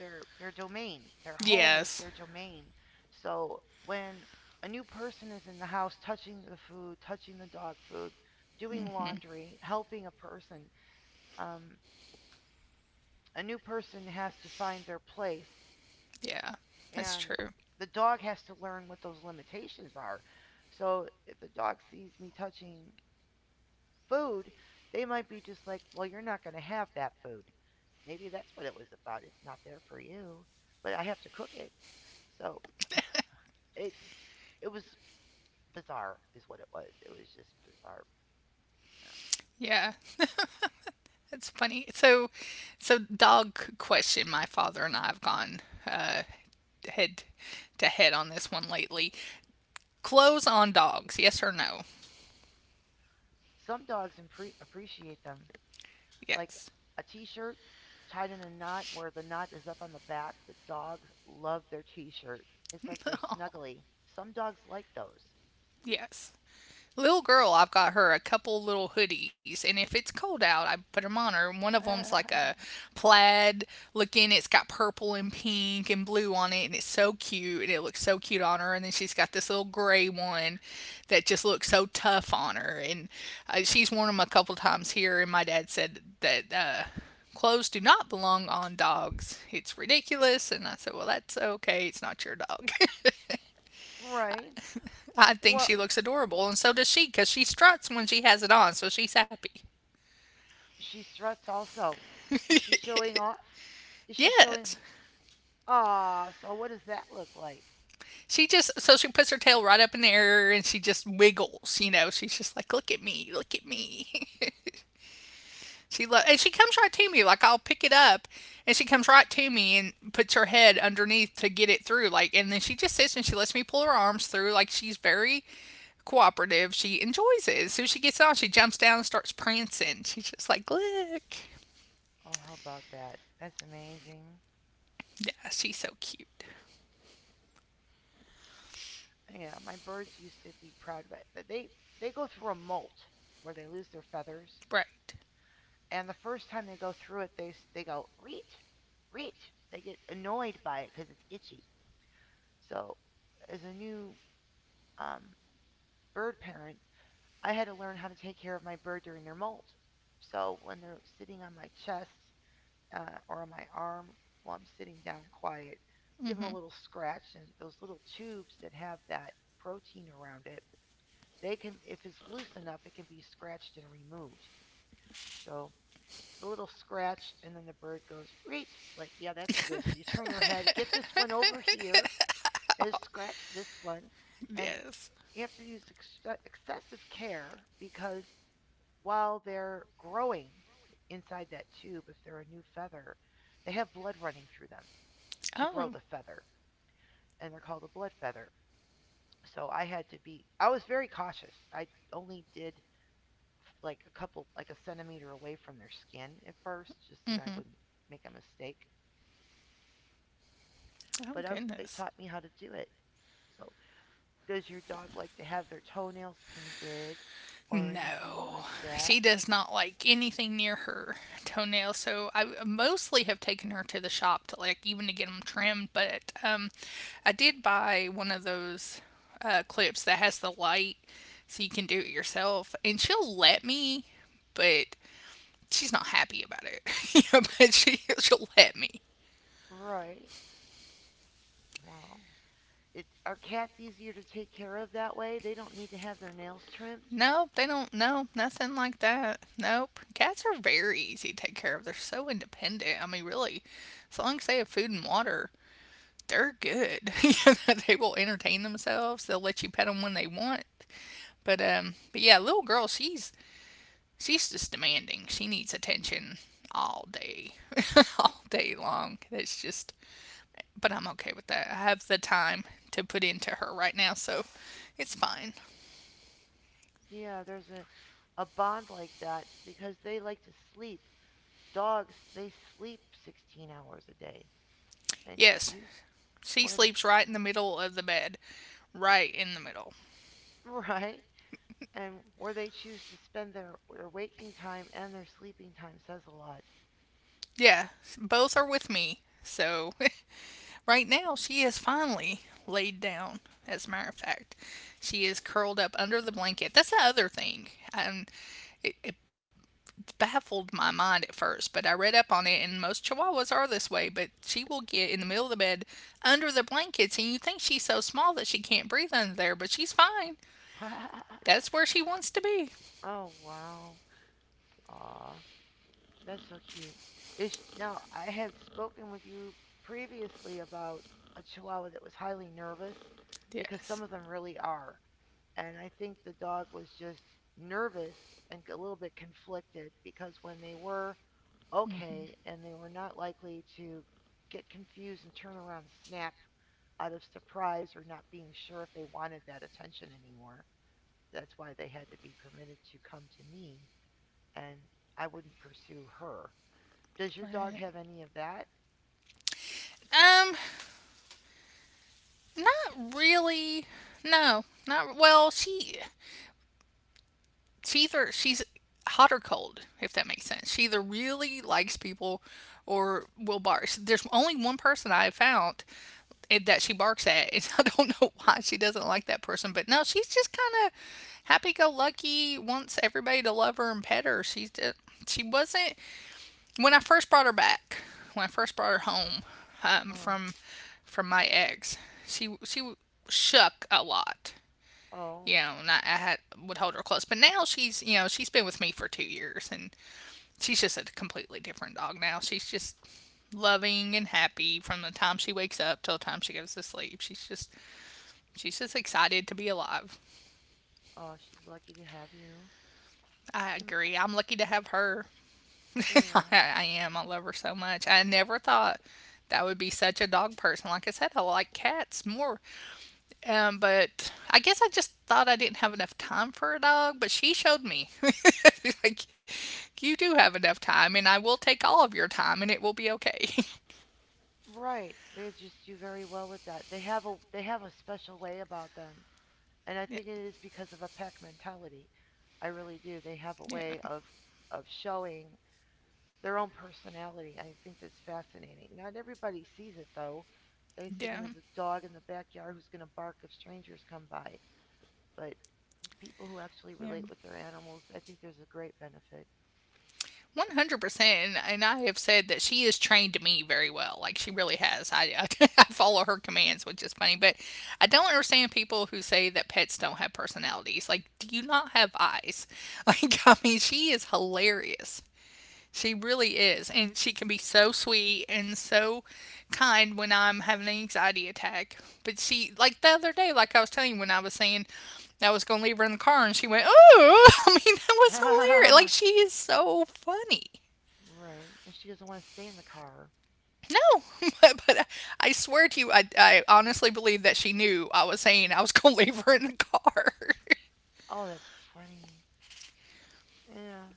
S2: their their domain. Their home is
S1: Yes.
S2: their domain. So when a new person is in the house touching the food, touching the dog food, doing
S1: Hmm.
S2: laundry, helping a person, um, a new person has to find their place,
S1: Yeah, that's
S2: and
S1: true.
S2: the dog has to learn what those limitations are. So if the dog sees me touching food, they might be just like, well, you're not going to have that food. Maybe that's what it was about. It's not there for you, but I have to cook it. So it it was bizarre is what it was. It was just bizarre.
S1: Yeah, that's funny. So, so dog question. My father and I have gone uh, head to head on this one lately. Clothes on dogs. Yes or no?
S2: Some dogs appreciate them like
S1: Yes.
S2: a t-shirt tied in a knot where the knot is up on the back. The dogs love their t-shirt. It's like they're snuggly. Some dogs like those.
S1: Yes. Little girl, I've got her a couple little hoodies, and if it's cold out, I put them on her. One of them's like a plaid looking. It's got purple and pink and blue on it, and it's so cute, and it looks so cute on her. And then she's got this little gray one that just looks so tough on her. And she's worn them a couple times here, and my dad said that clothes do not belong on dogs. It's ridiculous. And I said, well, that's okay. It's not your dog.
S2: Right.
S1: I think
S2: Well,
S1: she looks adorable, and so does she, because she struts when she has it on, so she's happy.
S2: she struts also. Is she showing off? Is she
S1: Yes.
S2: showing? Ah, so what does that look like?
S1: She just, so she puts her tail right up in the air and she just wiggles, you know. She's just like, look at me, look at me. And she comes right to me, like I'll pick it up, and she comes right to me and puts her head underneath to get it through. Like, and then she just sits and she lets me pull her arms through. Like, she's very cooperative. She enjoys it. As soon as she gets on, she jumps down and starts prancing. She's just like, look.
S2: Oh, how about that? That's amazing.
S1: Yeah, she's so cute.
S2: Yeah, my birds used to be proud of it. They go through a molt where they lose their feathers.
S1: Right.
S2: And the first time they go through it, they go reach, reach. They get annoyed by it because it's itchy. So, as a new um, bird parent, I had to learn how to take care of my bird during their molt. So when they're sitting on my chest or on my arm while I'm sitting down quiet, I give them a
S1: Hmm.
S2: little scratch, and those little tubes that have that protein around it, they can, if it's loose enough, it can be scratched and removed. So a little scratch, and then the bird goes, Reet. Like, yeah, that's good. And you turn your head, get this one over here, and scratch this one. And
S1: Yes.
S2: you have to use excessive care because while they're growing inside that tube, if they're a new feather, they have blood running through them to grow
S1: Oh,
S2: the feather, and they're called a blood feather. So I had to be, I was very cautious. I only did like a couple, like a centimeter away from their skin at first, just that I wouldn't make a mistake.
S1: oh
S2: But they
S1: goodness.
S2: taught me how to do it. So, does your dog like to have their toenails painted or anything
S1: No,
S2: like
S1: she
S2: that?
S1: does not like anything near her toenails. So I mostly have taken her to the shop to like even to get them trimmed. But I did buy one of those clips that has the light, so you can do it yourself, and she'll let me. But she's not happy about it. Yeah, but
S2: She,
S1: she'll let me.
S2: right. Well, are cats easier to take care of that way? They don't need to have their nails trimmed?
S1: Nope, they don't. No, nothing like that. Nope. Cats are very easy to take care of. They're so independent. I mean, really, as long as they have food and water, they're good. You know, they will entertain themselves. They'll let you pet them when they want. But yeah, little girl, she's just demanding. She needs attention all day, all day long. It's just, but I'm okay with that. I have the time to put into her right now, so it's fine.
S2: Yeah, there's a bond like that because they like to sleep. Dogs, they sleep 16 hours a day. And
S1: Yes,
S2: you,
S1: she
S2: where they,
S1: sleeps right in the middle of the bed. Right in the middle.
S2: right? And where they choose to spend their waking time and their sleeping time says a lot.
S1: Yeah, both are with me. So right now she is finally laid down, as a matter of fact. She is curled up under the blanket. That's the other thing. Um, it, it baffled my mind at first, but I read up on it, and most chihuahuas are this way. But she will get in the middle of the bed under the blankets, and you think she's so small that she can't breathe under there, but she's fine. That's where she wants to be.
S2: Oh, wow. Aw, that's so cute. Now I had spoken with you previously about a chihuahua that was highly nervous because some
S1: Yes.
S2: of them really are. And I think the dog was just nervous and a little bit conflicted because when they were okay, and they were not likely to get confused and turn around and snap out of surprise or not being sure if they wanted that attention anymore. That's why they had to be permitted to come to me. And I wouldn't pursue her. Does your dog
S1: Right.
S2: have any of that?
S1: Um, Not really. No, not well. She either she's hot or cold, if that makes sense. She either really likes people or will bark. There's only one person I have found that she barks at, and I don't know why she doesn't like that person. But no, she's just kind of happy-go-lucky. Wants everybody to love her and pet her. She's just, she wasn't when I first brought her back, when I first brought her home um,
S2: Uh,
S1: from from my ex, she shook a lot. You
S2: oh,
S1: know, and I had, would hold her close. But now she's you know she's been with me for 2 years, and she's just a completely different dog now. She's just loving and happy from the time she wakes up till the time she goes to sleep. She's just excited to be alive.
S2: uh, she's lucky to have you.
S1: I
S2: Um,
S1: agree. I'm lucky to have her. I
S2: yeah.
S1: I am. I love her so much. I never thought that would be such a dog person. Like I said, I like cats more. But I guess I just thought I didn't have enough time for a dog, but she showed me. Like, you do have enough time, and I will take all of your time, and it will be okay.
S2: Right. They just do very well with that. They have a special way about them, and I
S1: yeah,
S2: think it is because of a pack mentality. I really do. They have a
S1: yeah,
S2: way of showing their own personality. I think that's fascinating. Not everybody sees it though. They see them
S1: yeah.
S2: as a dog in the backyard who's going to bark if strangers come by. But people who actually
S1: Yeah.
S2: relate with their animals, I think there's a great benefit.
S1: 100% and I have said that she has trained me very well like she really has. I follow her commands which is funny but I don't understand people who say that pets don't have personalities like do you not have eyes like I mean she is hilarious, she really is and she can be so sweet and so kind when I'm having an anxiety attack but she, like the other day, like I was telling you when I was saying I was going to leave her in the car and she went, oh, I mean, that was hilarious. Like, she is so funny.
S2: Right. And she doesn't want to stay in the car.
S1: No, but, swear to you, I honestly believe that she knew I was saying I was going to leave her in the car.
S2: Oh, that's funny. Yeah.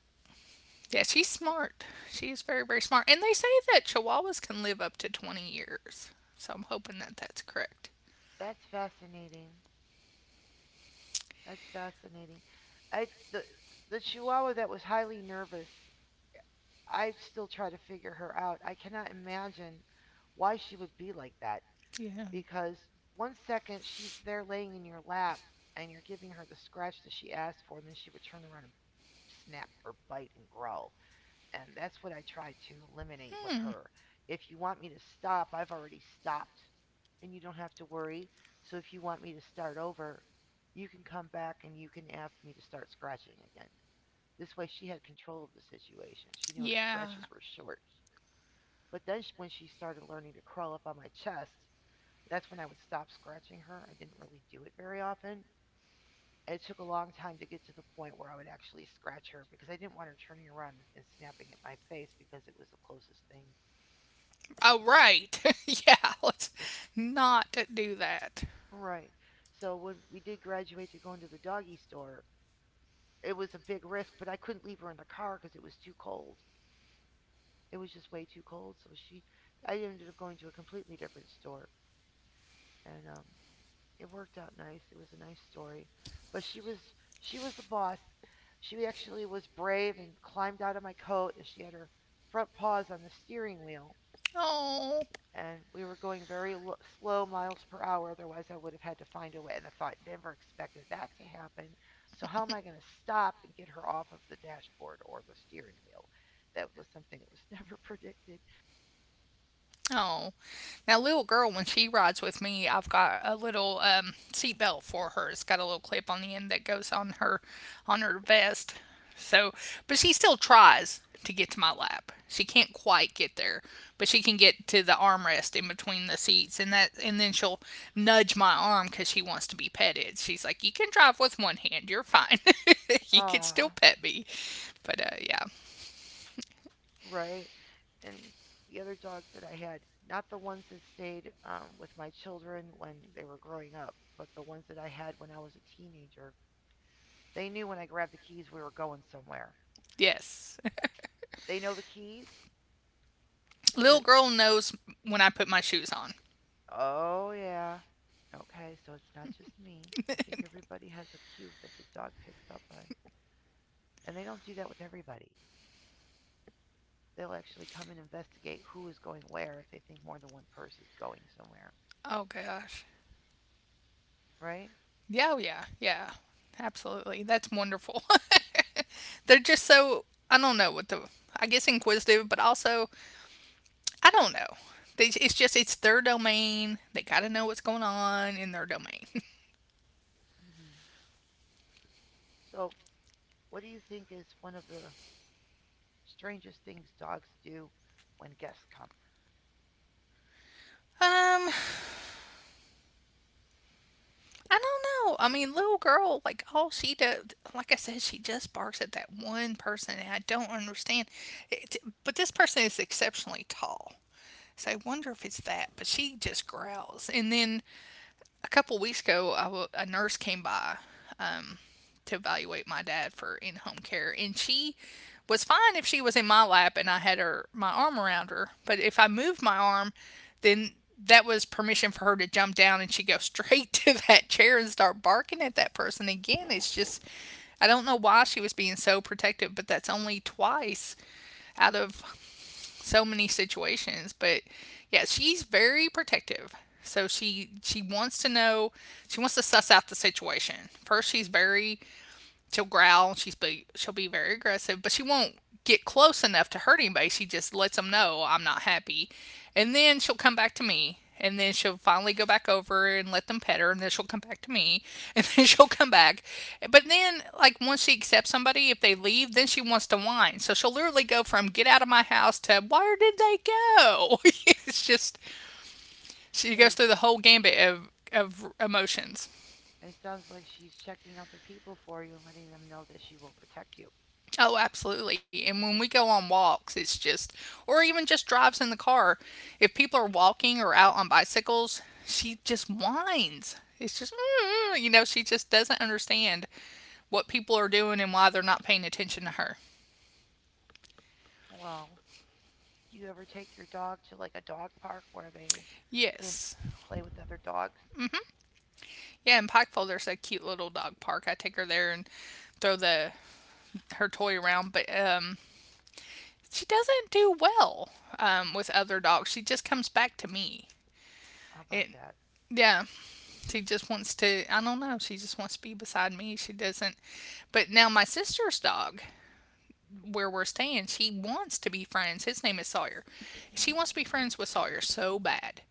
S1: Yeah, she's smart. She is very, very smart. And they say that chihuahuas can live up to 20 years. So I'm hoping that that's correct.
S2: That's fascinating. That's fascinating. I the chihuahua that was highly nervous. I still try to figure her out. I cannot imagine why she would be like that
S1: Yeah.
S2: because one second she's there laying in your lap and you're giving her the scratch that she asked for and then she would turn around and snap or bite and growl. And that's what I tried to eliminate with
S1: Hmm.
S2: her. If you want me to stop, I've already stopped, and you don't have to worry. So if you want me to start over, you can come back and you can ask me to start scratching again. This way, she had control of the situation. She knew her
S1: Yeah.
S2: scratches were short. But then, when she started learning to crawl up on my chest, that's when I would stop scratching her. I didn't really do it very often. It took a long time to get to the point where I would actually scratch her because I didn't want her turning around and snapping at my face because it was the closest thing.
S1: Oh, right. Yeah, let's not do that.
S2: Right. So when we did graduate to go into the doggy store, it was a big risk, but I couldn't leave her in the car because it was too cold. It was just way too cold. So I ended up going to a completely different store, and it worked out nice. It was a nice story, but she was the boss. She actually was brave and climbed out of my coat, and she had her front paws on the steering wheel,
S1: Oh,
S2: and we were going very slow miles per hour. Otherwise, I would have had to find a way. And I thought, never expected that to happen. So, how am I going to stop and get her off of the dashboard or the steering wheel? That was something that was never predicted.
S1: Oh, now little girl, when she rides with me, I've got a little seat belt for her. It's got a little clip on the end that goes on her vest. So, but she still tries to get to my lap. She can't quite get there, but she can get to the armrest in between the seats, and that, and then she'll nudge my arm because she wants to be petted. She's like, "You can drive with one hand. You're fine. You can still
S2: Ah, uh,
S1: pet me." But yeah,
S2: right. And the other dogs that I had, not the ones that stayed with my children when they were growing up, but the ones that I had when I was a teenager, they knew when I grabbed the keys we were going somewhere.
S1: yes,
S2: They know the keys.
S1: little girl knows when I put my shoes on.
S2: Oh, yeah. Okay, so it's not just me. I think everybody has a cue that the dog picks up on. And they don't do that with everybody. They'll actually come and investigate who is going where if they think more than one person is going somewhere,
S1: Oh gosh.
S2: right?
S1: Yeah, oh, yeah. Absolutely. That's wonderful. They're just so I don't know what the I guess inquisitive, but also I don't know. They, it's just it's their domain. They got to know what's going on in their domain.
S2: Hmm. So, what do you think is one of the strangest things dogs do when guests come?
S1: Um, I don't know. I mean, little girl, like all she does, like I said, she just barks at that one person, and I don't understand. It, but this person is exceptionally tall. So I wonder if it's that, but she just growls. And then a couple weeks ago, a nurse came by um, to evaluate my dad for in home care, and she was fine if she was in my lap and I had her my arm around her. But if I moved my arm, then that was permission for her to jump down and she go straight to that chair and start barking at that person again. It's just I don't know why she was being so protective, but that's only twice out of so many situations. But yeah, she's very protective. So she wants to know, she wants to suss out the situation. First, she'll growl. She'll be very aggressive, but she won't get close enough to hurt anybody. She just lets them know I'm not happy, and then she'll come back to me. And then she'll finally go back over and let them pet her, and then she'll come back to me, and then she'll come back. But then, like, once she accepts somebody, if they leave, then she wants to whine. So she'll literally go from get out of my house to where did they go? It's just, she goes
S2: It,
S1: through the whole gambit of emotions.
S2: it sounds like she's checking out the people for you and letting them know that she will protect you.
S1: Oh, absolutely. And when we go on walks, it's just, or even just drives in the car, if people are walking or out on bicycles, she just whines. It's just, "Mm," you know, she just doesn't understand what people are doing and why they're not paying attention to her.
S2: Well. Do you ever take your dog to like a dog park where they can
S1: Yes.
S2: play with other dogs?
S1: Yeah, in Pikeville, there's a cute little dog park. I take her there and throw the her toy around, but she doesn't do well with other dogs. She just comes back to me.
S2: How
S1: It,
S2: about that?
S1: yeah, she just wants to, I don't know, she just wants to be beside me. She doesn't. But now my sister's dog, where we're staying, she wants to be friends. His name is Sawyer. She wants to be friends with Sawyer so bad.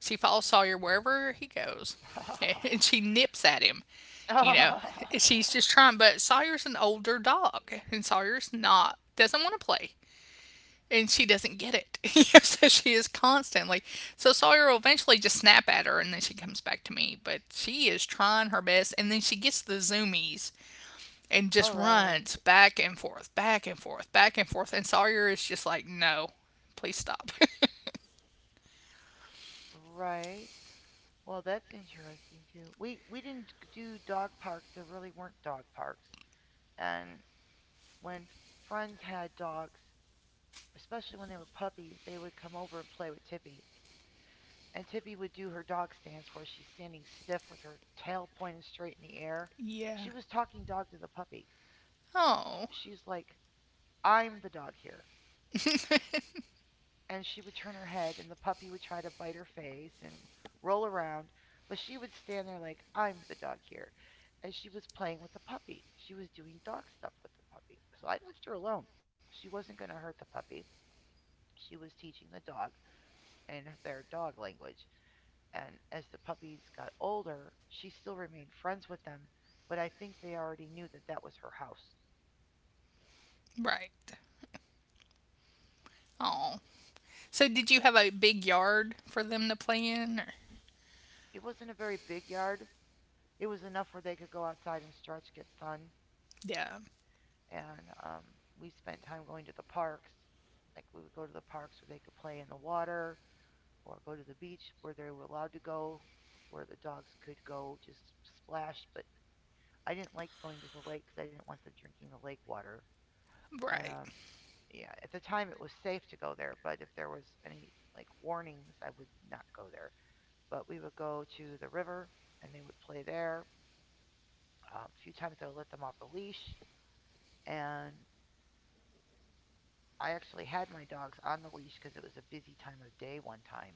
S1: She follows Sawyer wherever he goes and she nips at him. You know, she's
S2: Oh,
S1: just trying, but Sawyer's an older dog and Sawyer's not, doesn't want to play and she doesn't get it. So she is constantly. So Sawyer will eventually just snap at her, and then she comes back to me. But she is trying her best, and then she gets the zoomies and just
S2: all right,
S1: runs back and forth, back and forth, back and forth. And Sawyer is just like, "No, please stop."
S2: right. Well, that's interesting too. We didn't do dog parks. There really weren't dog parks. And when friends had dogs, especially when they were puppies, they would come over and play with Tippy. And Tippy would do her dog stance where she's standing stiff with her tail pointed straight in the air.
S1: Yeah.
S2: She was talking dog to the puppy.
S1: Oh.
S2: She's like, I'm the dog here. And she would turn her head, and the puppy would try to bite her face and roll around. But she would stand there like, I'm the dog here. And she was playing with the puppy. She was doing dog stuff with the puppy. So I left her alone. She wasn't going to hurt the puppy. She was teaching the dog in their dog language. And as the puppies got older, she still remained friends with them. But I think they already knew that that was her house.
S1: Right. Oh. So did you have a big yard for them to play in? Or?
S2: It wasn't a very big yard, it was enough where they could go outside and stretch, get sun,
S1: Yeah.
S2: and we spent time going to the parks. Like we would go to the parks where they could play in the water, or go to the beach where they were allowed to go, where the dogs could go just splash. But I didn't like going to the lake because I didn't want them drinking the lake water. And
S1: Right.
S2: um, yeah, at the time it was safe to go there, but if there was any like warnings, I would not go there. But we would go to the river and they would play there. A few times I would let them off the leash and I actually had my dogs on the leash because it was a busy time of day one time,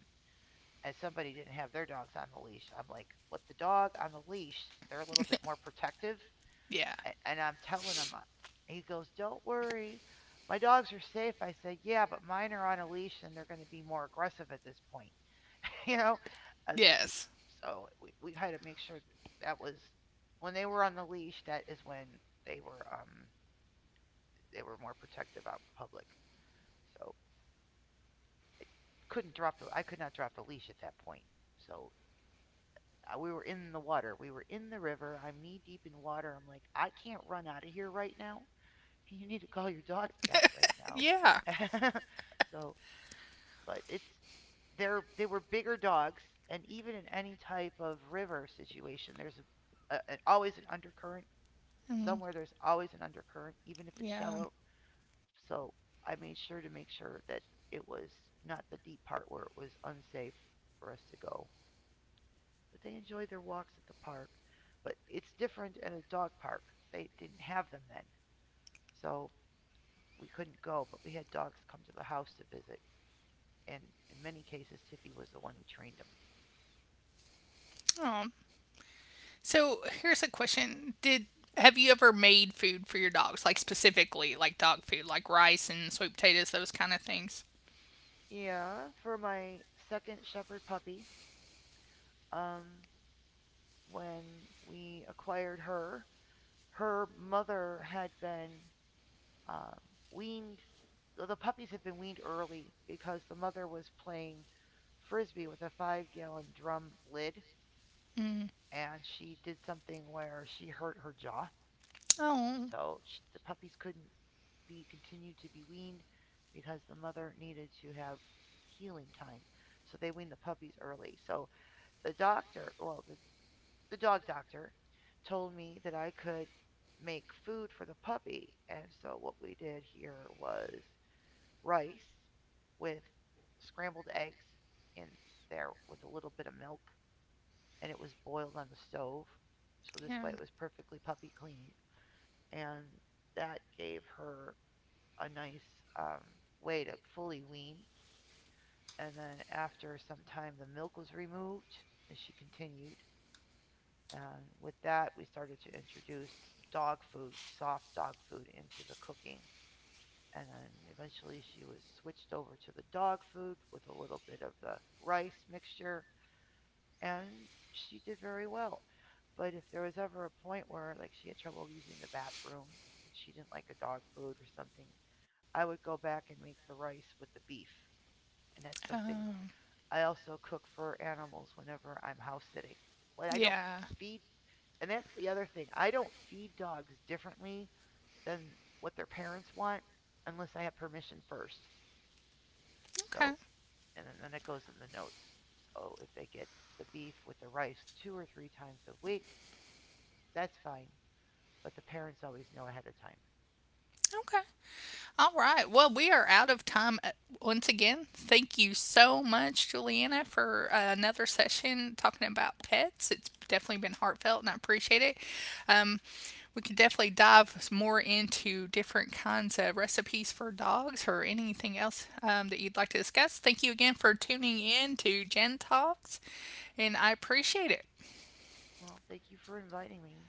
S2: and somebody didn't have their dogs on the leash. I'm like, with the dog on the leash, they're a little bit more protective.
S1: Yeah.
S2: And I'm telling him, he goes, don't worry. My dogs are safe. I said, yeah, but mine are on a leash and they're going to be more aggressive at this point. You know, I was like,
S1: Yes.
S2: so we had to make sure that that was when they were on the leash, that is when they were, um, they were more protective out in public. So couldn't drop I could not drop the leash at that point. So we were in the water. We were in the river. I'm knee deep in water. I'm like, I can't run out of here right now. You need to call your dogs back right now.
S1: Yeah.
S2: So, but it's they were bigger dogs, and even in any type of river situation, there's always an undercurrent.
S1: Mm,
S2: Somewhere there's always an undercurrent, even if it's
S1: yeah.
S2: shallow. So I made sure to make sure that it was not the deep part where it was unsafe for us to go. But they enjoy their walks at the park. But it's different at a dog park. They didn't have them then. So we couldn't go, but we had dogs come to the house to visit. And in many cases, Tippy was the one who trained them.
S1: Oh, so here's a question: Did have you ever made food for your dogs, like specifically like dog food, like rice and sweet potatoes, those kind of things?
S2: Yeah, for my second shepherd puppy, um, when we acquired her, her mother had been um, weaned. Well, the puppies had been weaned early because the mother was playing frisbee with a 5-gallon drum lid
S1: Mm.
S2: and she did something where she hurt her jaw.
S1: Oh,
S2: So sh the puppies couldn't be continued to be weaned because the mother needed to have healing time. So they weaned the puppies early. So the doctor, well, the, the dog doctor told me that I could make food for the puppy. And so what we did here was rice with scrambled eggs in there with a little bit of milk and it was boiled on the stove. So this way
S1: yeah.
S2: it was perfectly puppy clean. And that gave her a nice um, way to fully wean. And then after some time, the milk was removed and she continued. And with that, we started to introduce dog food, soft dog food, into the cooking. And then eventually she was switched over to the dog food with a little bit of the rice mixture and she did very well. But if there was ever a point where like she had trouble using the bathroom, if she didn't like the dog food or something, I would go back and make the rice with the beef. And that's something
S1: Oh,
S2: I also cook for animals whenever I'm house sitting. Like I don't
S1: yeah.
S2: feed and that's the other thing. I don't feed dogs differently than what their parents want unless I have permission first. So
S1: Okay.
S2: and then it goes in the notes. So if they get the beef with the rice two or three times a week, that's fine, but the parents always know ahead of time.
S1: Okay. All right. Well, we are out of time once again. Thank you so much, Juliana, for another session talking about pets. It's definitely been heartfelt and I appreciate it. Um, we could definitely dive more into different kinds of recipes for dogs or anything else that you'd like to discuss. Thank you again for tuning in to Jen Talks, and I appreciate it.
S2: Well, thank you for inviting me.